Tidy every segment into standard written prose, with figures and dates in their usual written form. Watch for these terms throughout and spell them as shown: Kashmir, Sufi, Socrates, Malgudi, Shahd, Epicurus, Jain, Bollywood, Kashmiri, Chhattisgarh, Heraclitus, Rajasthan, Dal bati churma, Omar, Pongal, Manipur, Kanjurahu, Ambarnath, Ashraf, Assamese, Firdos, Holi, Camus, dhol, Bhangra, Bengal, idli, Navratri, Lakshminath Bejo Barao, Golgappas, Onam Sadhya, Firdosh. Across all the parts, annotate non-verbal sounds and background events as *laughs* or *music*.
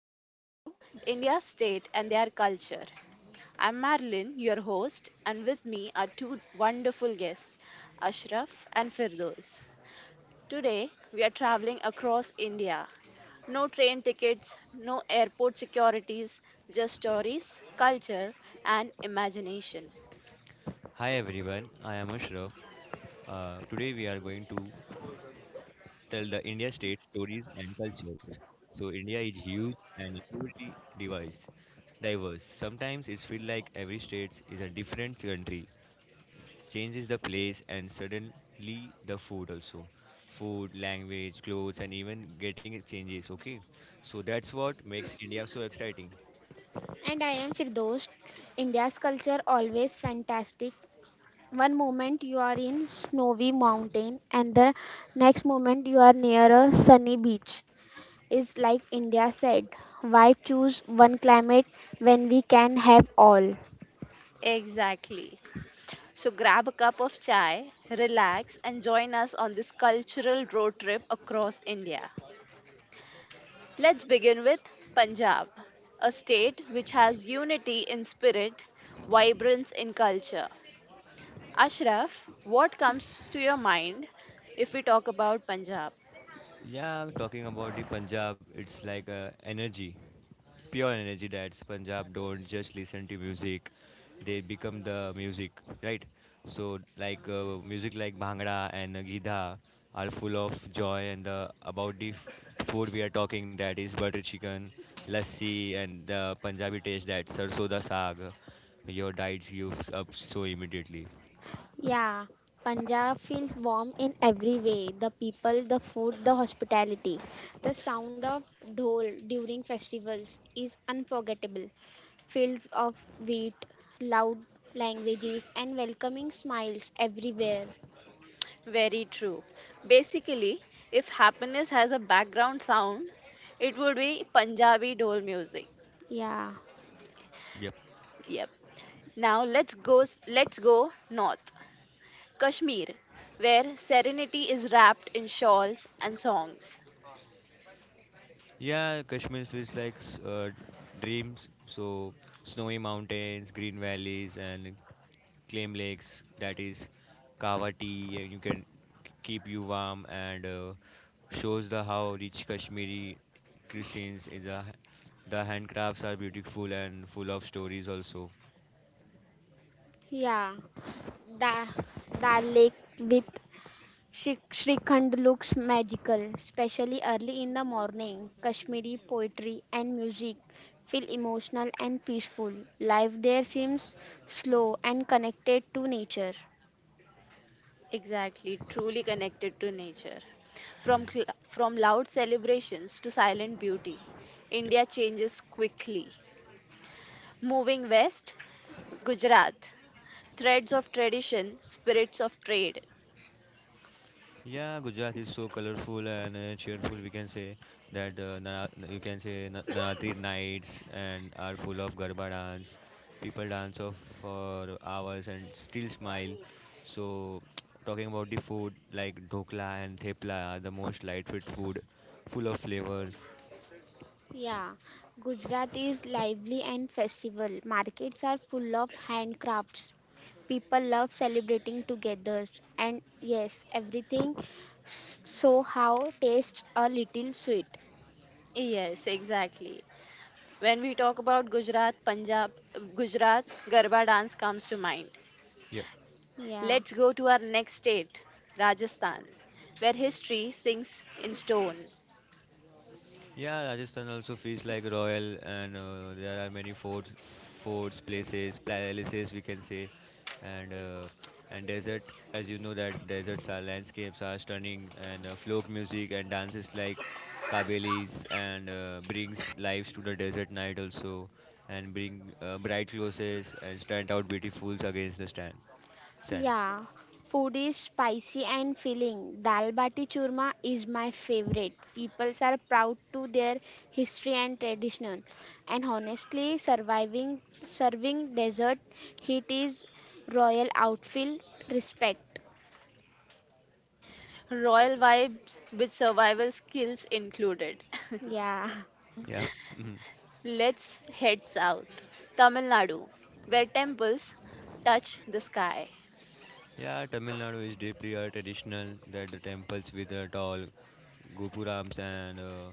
welcome to India's State and Their Culture. I'm Marilyn, your host, and with me are two wonderful guests, Ashraf and Firdos. Today, we are traveling across India. No train tickets, no airport securities, just stories, culture, and imagination. Hi everyone, I am Ashraf. Today we are going to tell the India state stories and cultures. So India is huge and incredibly diverse. Diverse. Sometimes it feels like every state is a different country. Changes the place and suddenly the food also. Food, language, clothes, and even getting it changes. Okay, so that's what makes India so exciting. And I am Firdosh. India's culture always fantastic. One moment you are in snowy mountain and the next moment you are near a sunny beach. Is like India said, why choose one climate when we can have all? Exactly. So grab a cup of chai, relax, and join us on this cultural road trip across India. Let's begin with Punjab, a state which has unity in spirit, vibrance in culture. Ashraf, what comes to your mind if we talk about Punjab? Yeah, I'm talking about the Punjab. It's like energy, pure energy. That's Punjab. Don't just listen to music; they become the music, right? So, like music like Bhangra and Gidha are full of joy and the about the food we are talking. That is butter chicken, lassi, and the Punjabi taste. That sarson da saag. Your diet gives up so immediately. Yeah, Punjab feels warm in every way the people, the food, the hospitality. The sound of dhol during festivals is unforgettable. Fields of wheat, loud languages, and welcoming smiles everywhere. Very true. Basically, if happiness has a background sound, it would be Punjabi dole music. Yeah, Yep. Yep. Now let's go north. Kashmir, where serenity is wrapped in shawls and songs. Yeah, Kashmir feels like dreams. So snowy mountains, green valleys, and claim lakes. That is kava tea, and you can keep you warm and shows the how rich Kashmiri cuisines is. A, the handcrafts are beautiful and full of stories also. yeah. Da Dal Lake with Shrikhand looks magical, especially early in the morning. Kashmiri poetry and music feel emotional and peaceful. Life there seems slow and connected to nature. Exactly, truly connected to nature. Hmm. From loud celebrations to silent beauty, Yep. India changes quickly. Moving west, Gujarat. Threads of tradition, spirits of trade. Yeah, Gujarat is so colorful and cheerful. We can say that you can say Navratri nights and are full of Garba dance. People dance off for hours and still smile. So, *tsk* talking about the food like dhokla and thepla, are the most light food, food full of flavors. Yeah, Gujarat is lively and festival. Markets are full of handcrafts. People love celebrating together. And yes, everything so how tastes a little sweet. Yes, exactly. When we talk about Gujarat, Punjab, Gujarat, Garba dance comes to mind. Yeah. Yeah. Let's go to our next state, Rajasthan, where history sinks in stone. Yeah, Rajasthan also feels like royal, and there are many forts, places, palaces we can say, and uh, and desert. As you know that deserts are landscapes are stunning, and folk music and dances like kabelis and brings lives to the desert night also, and bring bright clothes and stand out beautifuls against the stand sand. Yeah, food is spicy and filling. Dal bati churma is my favorite. People are proud to their history and tradition. And honestly, surviving serving dessert, heat is royal outfit respect. Royal vibes with survival skills included. *laughs* Yeah. Yeah. *laughs* Let's head south, Tamil Nadu, where temples touch the sky. Yeah, Tamil Nadu is deeply traditional. That the temples with tall gopurams and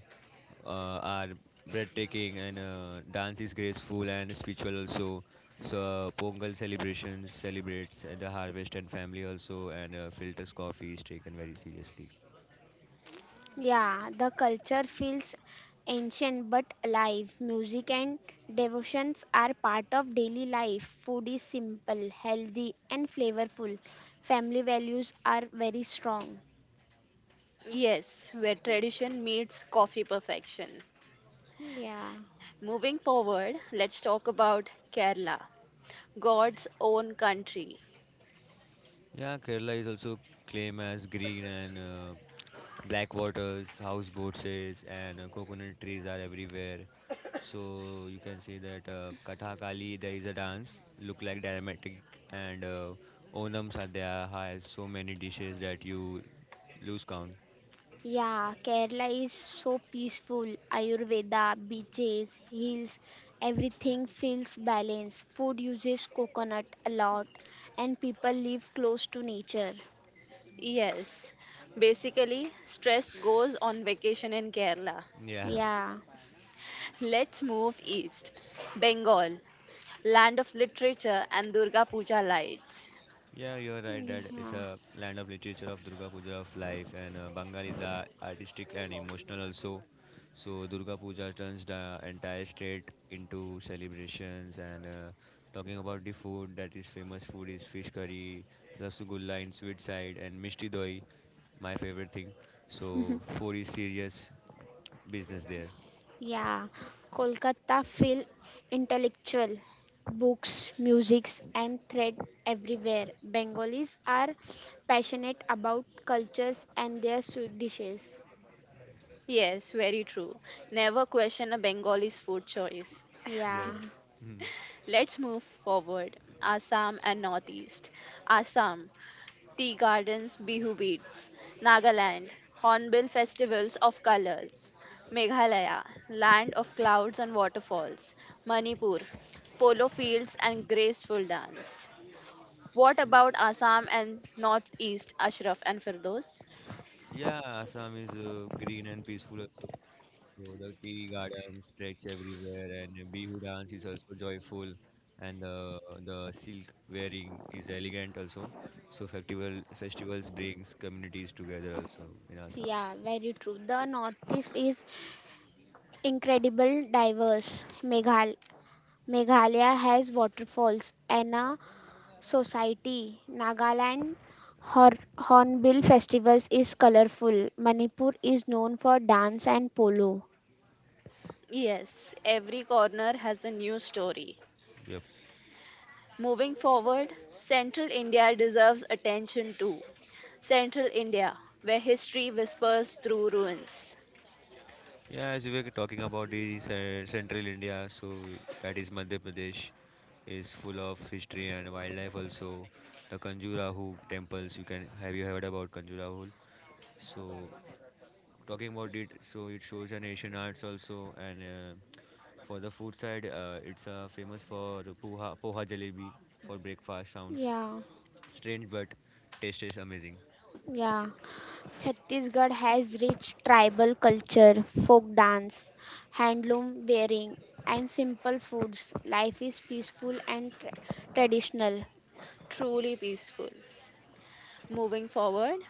are breathtaking, and dance is graceful and spiritual also. So Pongal celebrations celebrates the harvest and family also, and filters coffee is taken very seriously. Yeah, the culture feels ancient but alive. Music and devotions are part of daily life. Food is simple, healthy, and flavorful. Family values are very strong. Yes, where tradition meets coffee perfection. Yeah. Moving forward, let's talk about Kerala, God's own country. Yeah, Kerala is also claimed as green and black waters, houseboats is, and coconut trees are everywhere. So you can say that Kathakali, there is a dance, look like dramatic, and Onam Sadhya has so many dishes that you lose count. Yeah, Kerala is so peaceful. Ayurveda, beaches, hills, everything feels balanced. Food uses coconut a lot, and people live close to nature. Yes, basically, stress goes on vacation in Kerala. Yeah. Yeah. Let's move east, Bengal, land of literature and Durga Puja lights. Yeah, you're right. That is Yeah. a land of literature of Durga Puja of life, and Bengal is artistic and emotional also. So Durga Puja turns the entire state into celebrations. And Talking about the food, that is famous food is fish curry, rasgulla in sweet side, and mishti doi, my favorite thing. So *laughs* food is serious business there. Yeah, Kolkata feel intellectual. Books, musics and thread everywhere. Bengalis are passionate about cultures and their sweet dishes. Yes, very true. Never question a Bengali's food choice. Yeah. Yeah, Mhm. Let's move forward. Assam and Northeast. Assam, tea gardens, bihu beads. Nagaland, hornbill festivals of colors. Meghalaya, land of clouds and waterfalls. Manipur, polo fields and graceful dance. What about Assam and Northeast, Ashraf and Firdos? Yeah, Assam is green and peaceful also. So the tea garden stretch everywhere, and the Bihu dance is also joyful, and the silk wearing is elegant also. So festivals brings communities together also in Assam. yeah, very true. The Northeast is incredible diverse. Meghalaya has waterfalls and a society. Nagaland Hornbill festivals is colorful. Manipur is known for dance and polo. Yes, every corner has a new story. Yep. Moving forward, Central India deserves attention too. Central India, where history whispers through ruins. Yeah, as we were talking about the central India, so that is Madhya Pradesh, is full of history and wildlife also. The Kanjurahu temples, you can have you heard about Kanjurahu? So talking about it, so it shows an Asian arts also. And For the food side, it's famous for the poha, poha jalebi for breakfast. Sounds Yeah, strange, but taste is amazing. yeah. Chhattisgarh has rich tribal culture, folk dance, handloom wearing, and simple foods. Life is peaceful and traditional. Truly peaceful. Moving forward,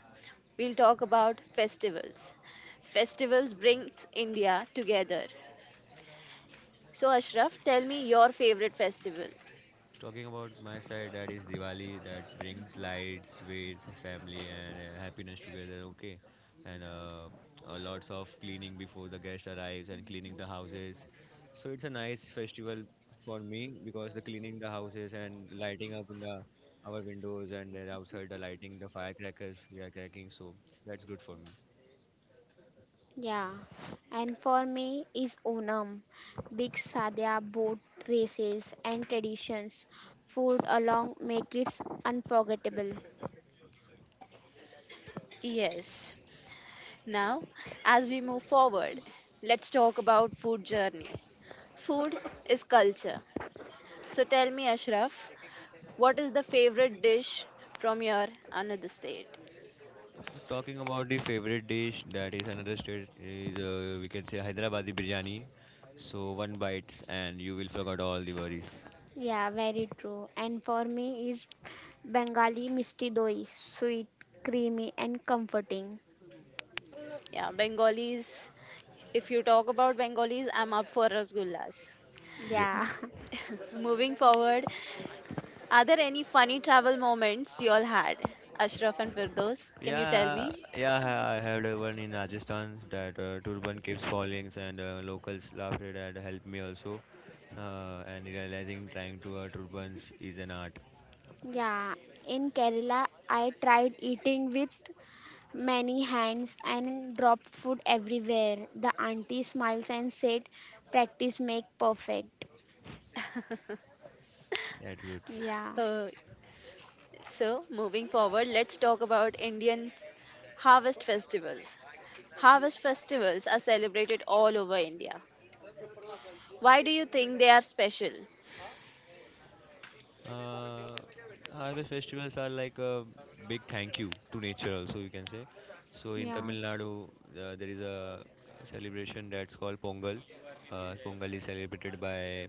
we'll talk about festivals. Festivals brings India together. So Ashraf, tell me your favorite festival. Talking about my side, that is Diwali. That brings lights, sweets, family, and happiness together. Okay, and lots of cleaning before the guest arrives and cleaning the houses. So it's a nice festival for me because the cleaning the houses and lighting up in the our windows and then outside the lighting the firecrackers we are cracking. So that's good for me. Yeah. And for me is Onam, big sadhya boat races and traditions. Food along make it unforgettable. Yes. Now, as we move forward, let's talk about food journey. Food is culture. So tell me Ashraf, what is the favorite dish from your another state? Talking about the favorite dish, that is another state is we can say Hyderabadi biryani. So one bites and you will forget all the worries. Yeah, very true. And for me is Bengali misti doi, sweet, creamy, and comforting. Yeah, Bengalis. If you talk about Bengalis, I'm up for rasgullas. Yeah. Yeah. *laughs* Moving forward, are there any funny travel moments you all had? Ashraf and Firdos, can you tell Yeah, me? yeah, I had one in Rajasthan that turban keeps falling and locals laughed at that helped me also. And realizing trying to turbans is an art. Yeah, in Kerala, I tried eating with many hands and dropped food everywhere. The auntie smiles and said, Practice make perfect. That's good. Yeah, Uh, so, moving forward, let's talk about Indian harvest festivals. Harvest festivals are celebrated all over India. Why do you think they are special? Uh, Harvest festivals are like a big thank you to nature, also you can say. So in yeah, Tamil Nadu, there is a celebration that's called Pongal. Pongal is celebrated by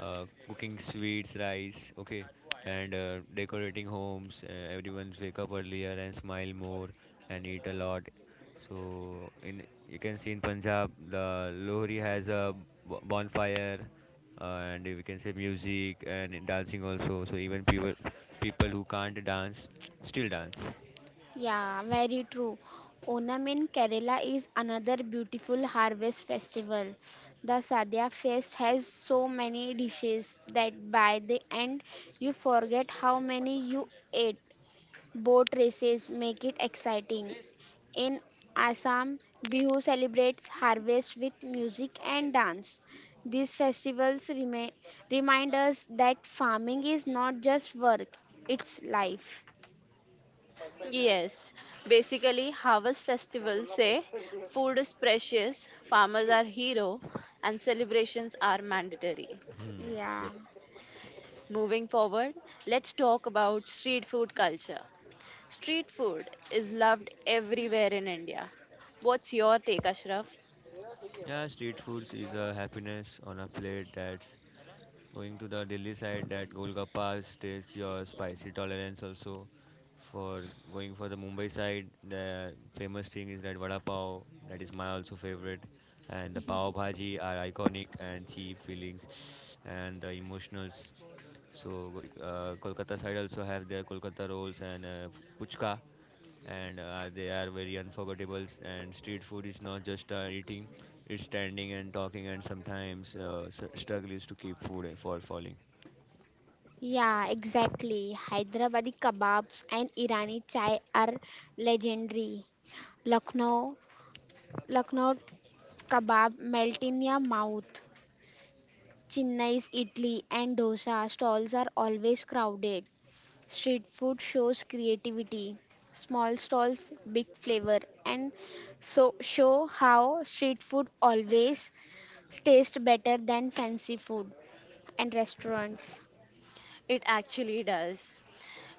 cooking sweets, rice, okay, and decorating homes. Everyone wake up earlier and smile more and eat a lot. So in you can see in Punjab, the Lohri has a bonfire and we can say music and in dancing also. So even people who can't dance still dance. yeah, very true. Onam in Kerala is another beautiful harvest festival. The Sadhya feast has so many dishes that by the end you forget how many you ate. Boat races make it exciting. In Assam, Bihu celebrates harvest with music and dance. These festivals remind us that farming is not just work, it's life. Yes, basically harvest festivals say food is precious, farmers are hero and celebrations are mandatory. Hmm. Yep. Yeah. Moving forward, let's talk about street food culture. Street food is loved everywhere in India. What's your take, Ashraf? Yeah, street foods is a happiness on a plate that's going to the Delhi side that Golgappas taste your spicy tolerance also. For going for the Mumbai side, the famous thing is that vada pav, that is my also favorite, and the pav *laughs* bhaji are iconic and cheap feelings, and the emotionals. So Kolkata side also have their Kolkata rolls and puchka and they are very unforgettable. And street food is not just eating; it's standing and talking, and sometimes struggles to keep food for falling. Yeah, exactly. Hyderabadi kebabs and Irani chai are legendary. Lucknow, Lucknow kebab melt in your mouth. Chennai's idli and dosa stalls are always crowded. Street food shows creativity, small stalls, big flavor, and so show how street food always tastes better than fancy food and restaurants. It actually does.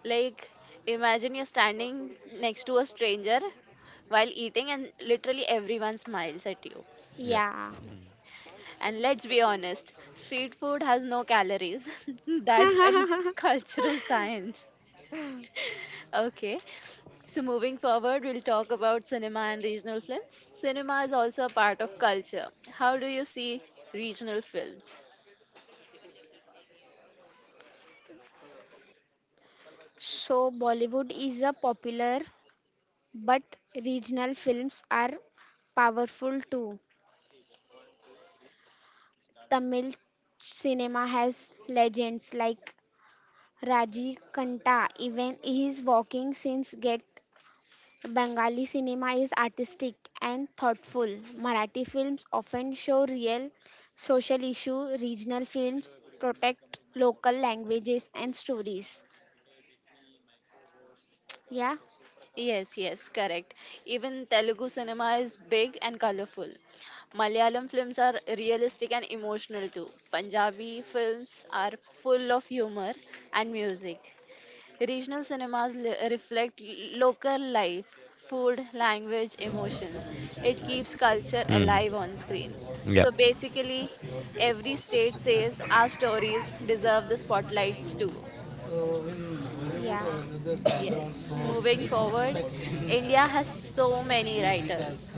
Like imagine you're standing next to a stranger while eating and literally everyone smiles at you. Yep. Yeah. Mhm. And let's be honest, street food has no calories. *laughs* That's a *laughs* cultural science. Okay. So, moving forward, we'll talk about cinema and regional films. Cinema is also a part of culture. How do you see regional films? So Bollywood is a popular, but regional films are powerful too. Tamil cinema has legends like Raji Kanta. Even his walking scenes get Bengali cinema is artistic and thoughtful. Marathi films often show real social issues. Regional films protect local languages and stories. Yeah, Yes, yes, correct. Even Telugu cinema is big and colorful. Malayalam films are realistic and emotional too. Punjabi films are full of humor and music. Reflect local life, food, language, emotions. It keeps culture alive on screen. So basically, every state says our stories deserve the spotlights too. yeah, Yes, moving forward, India has so many writers.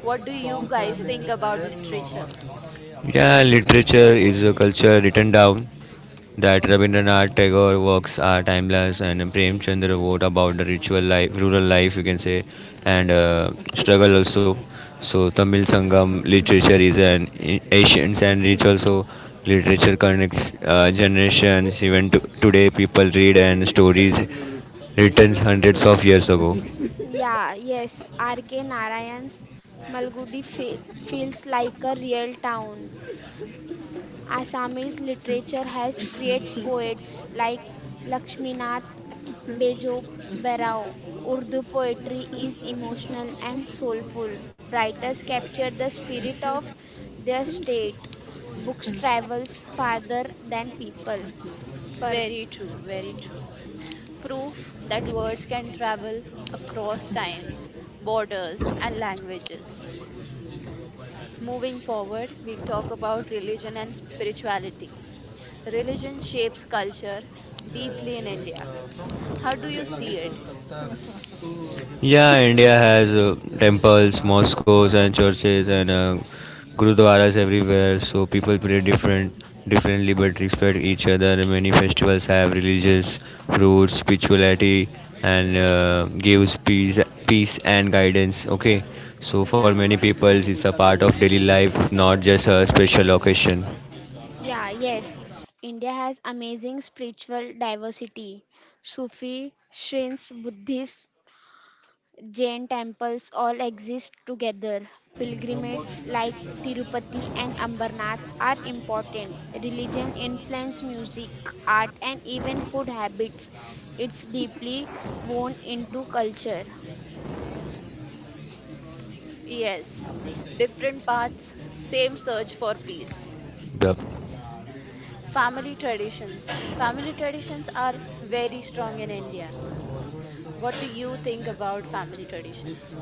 What do you guys think about literature? yeah, yes. R.K. Narayan's Malgudi feels like a real town. Assamese literature has great poets like Lakshminath Bejo Barao. Urdu poetry is emotional and soulful. Writers capture the spirit of their state. Books travels farther than people. For Very true, very true. Proof that words can travel across times, borders, and languages. Moving forward, we'll talk about religion and spirituality. Religion shapes culture deeply in India. How do you see it? yeah, yeah, yes. India has amazing spiritual diversity. Sufi, Shrints, Buddhist, Jain temples all exist together. Pilgrimages like Tirupati and Ambarnath are important. Religion influences music, art, and even food habits. It's deeply woven into culture. Yes, different paths, same search for peace. Family traditions. Family traditions are very strong in India. What do you think about family traditions?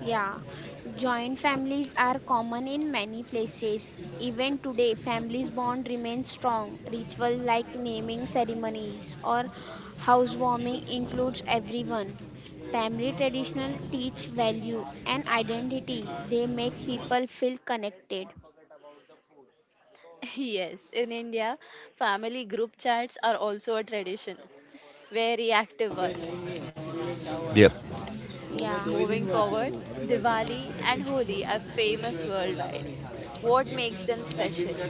Yeah, joint families are common in many places. Even today, families bond remain strong. Rituals like naming ceremonies or housewarming includes everyone. Family traditional teach value and identity. They make people feel connected. *laughs* Yes, in India, family group chats are also a tradition, very active ones. Yeah, Moving forward, Diwali and Holi are famous worldwide. What makes them special?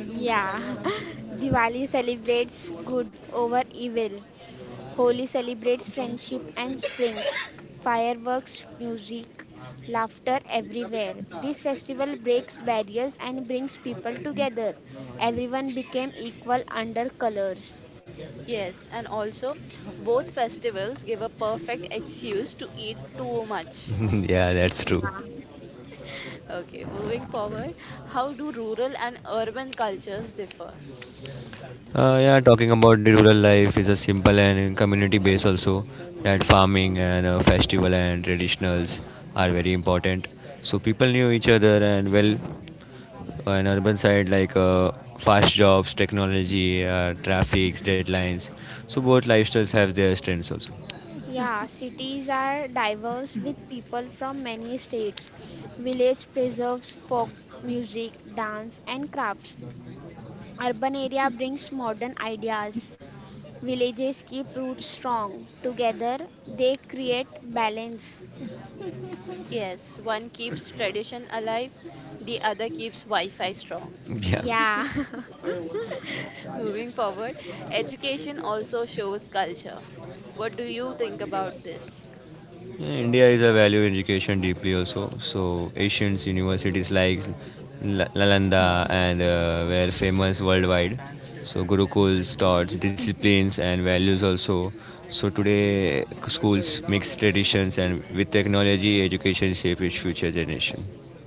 yeah. *laughs* Diwali celebrates good over evil. Holi celebrates friendship and springs. Fireworks, music, laughter everywhere. This festival breaks barriers and brings people together. Everyone became equal under colors. Yes, and also both festivals give a perfect excuse to eat too much. Yeah. Okay, moving forward, how do rural and urban cultures differ? Yeah, cities are diverse with people from many states. Village preserves folk music, dance, and crafts. Urban area brings modern ideas. Villages keep roots strong. Together, they create balance. Yes, one keeps tradition alive, the other keeps Wi Fi strong. Yeah. *laughs* *laughs* Moving forward, education also shows culture. What do you think about this?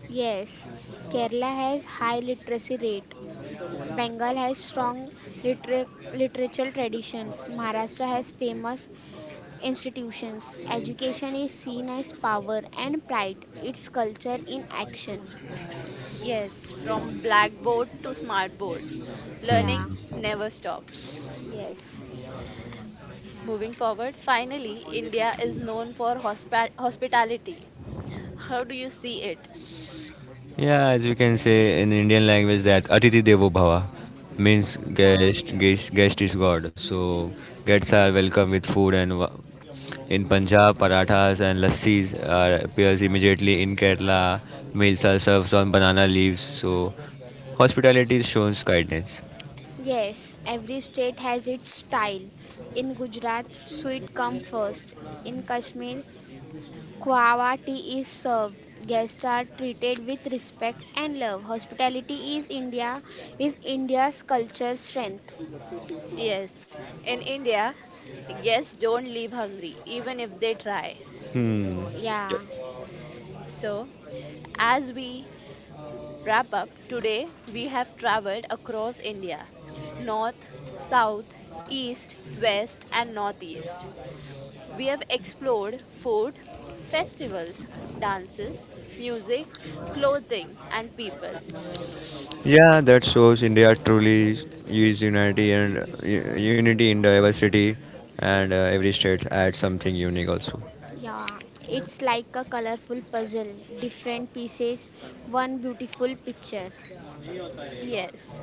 Yes, Kerala has high literacy rate. Bengal has strong liter- literature traditions. Maharashtra has famous institutions. Education is seen as power and pride. It's culture in action. Yes, from blackboard to smart boards, Yeah, learning never stops. yes. Moving forward, finally, India is known for hospitality. How do you see it? Yeah. Yes, every state has its style. In Gujarat, sweet come first. In Kashmir, Quava tea is served. Guests are treated with respect and love. Hospitality is India is India's culture strength. Yes, in India, guests don't leave hungry, even if they try. Yeah, So, as we wrap up today, we have traveled across India north, south, east, west, and northeast. We have explored food, festivals, dances, music, clothing, and people. yeah. It's like a colorful puzzle. Different pieces, one beautiful picture. Yes,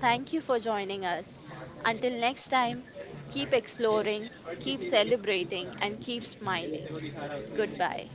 thank you for joining us. Until next time, keep exploring, keep celebrating, and keep smiling. Goodbye.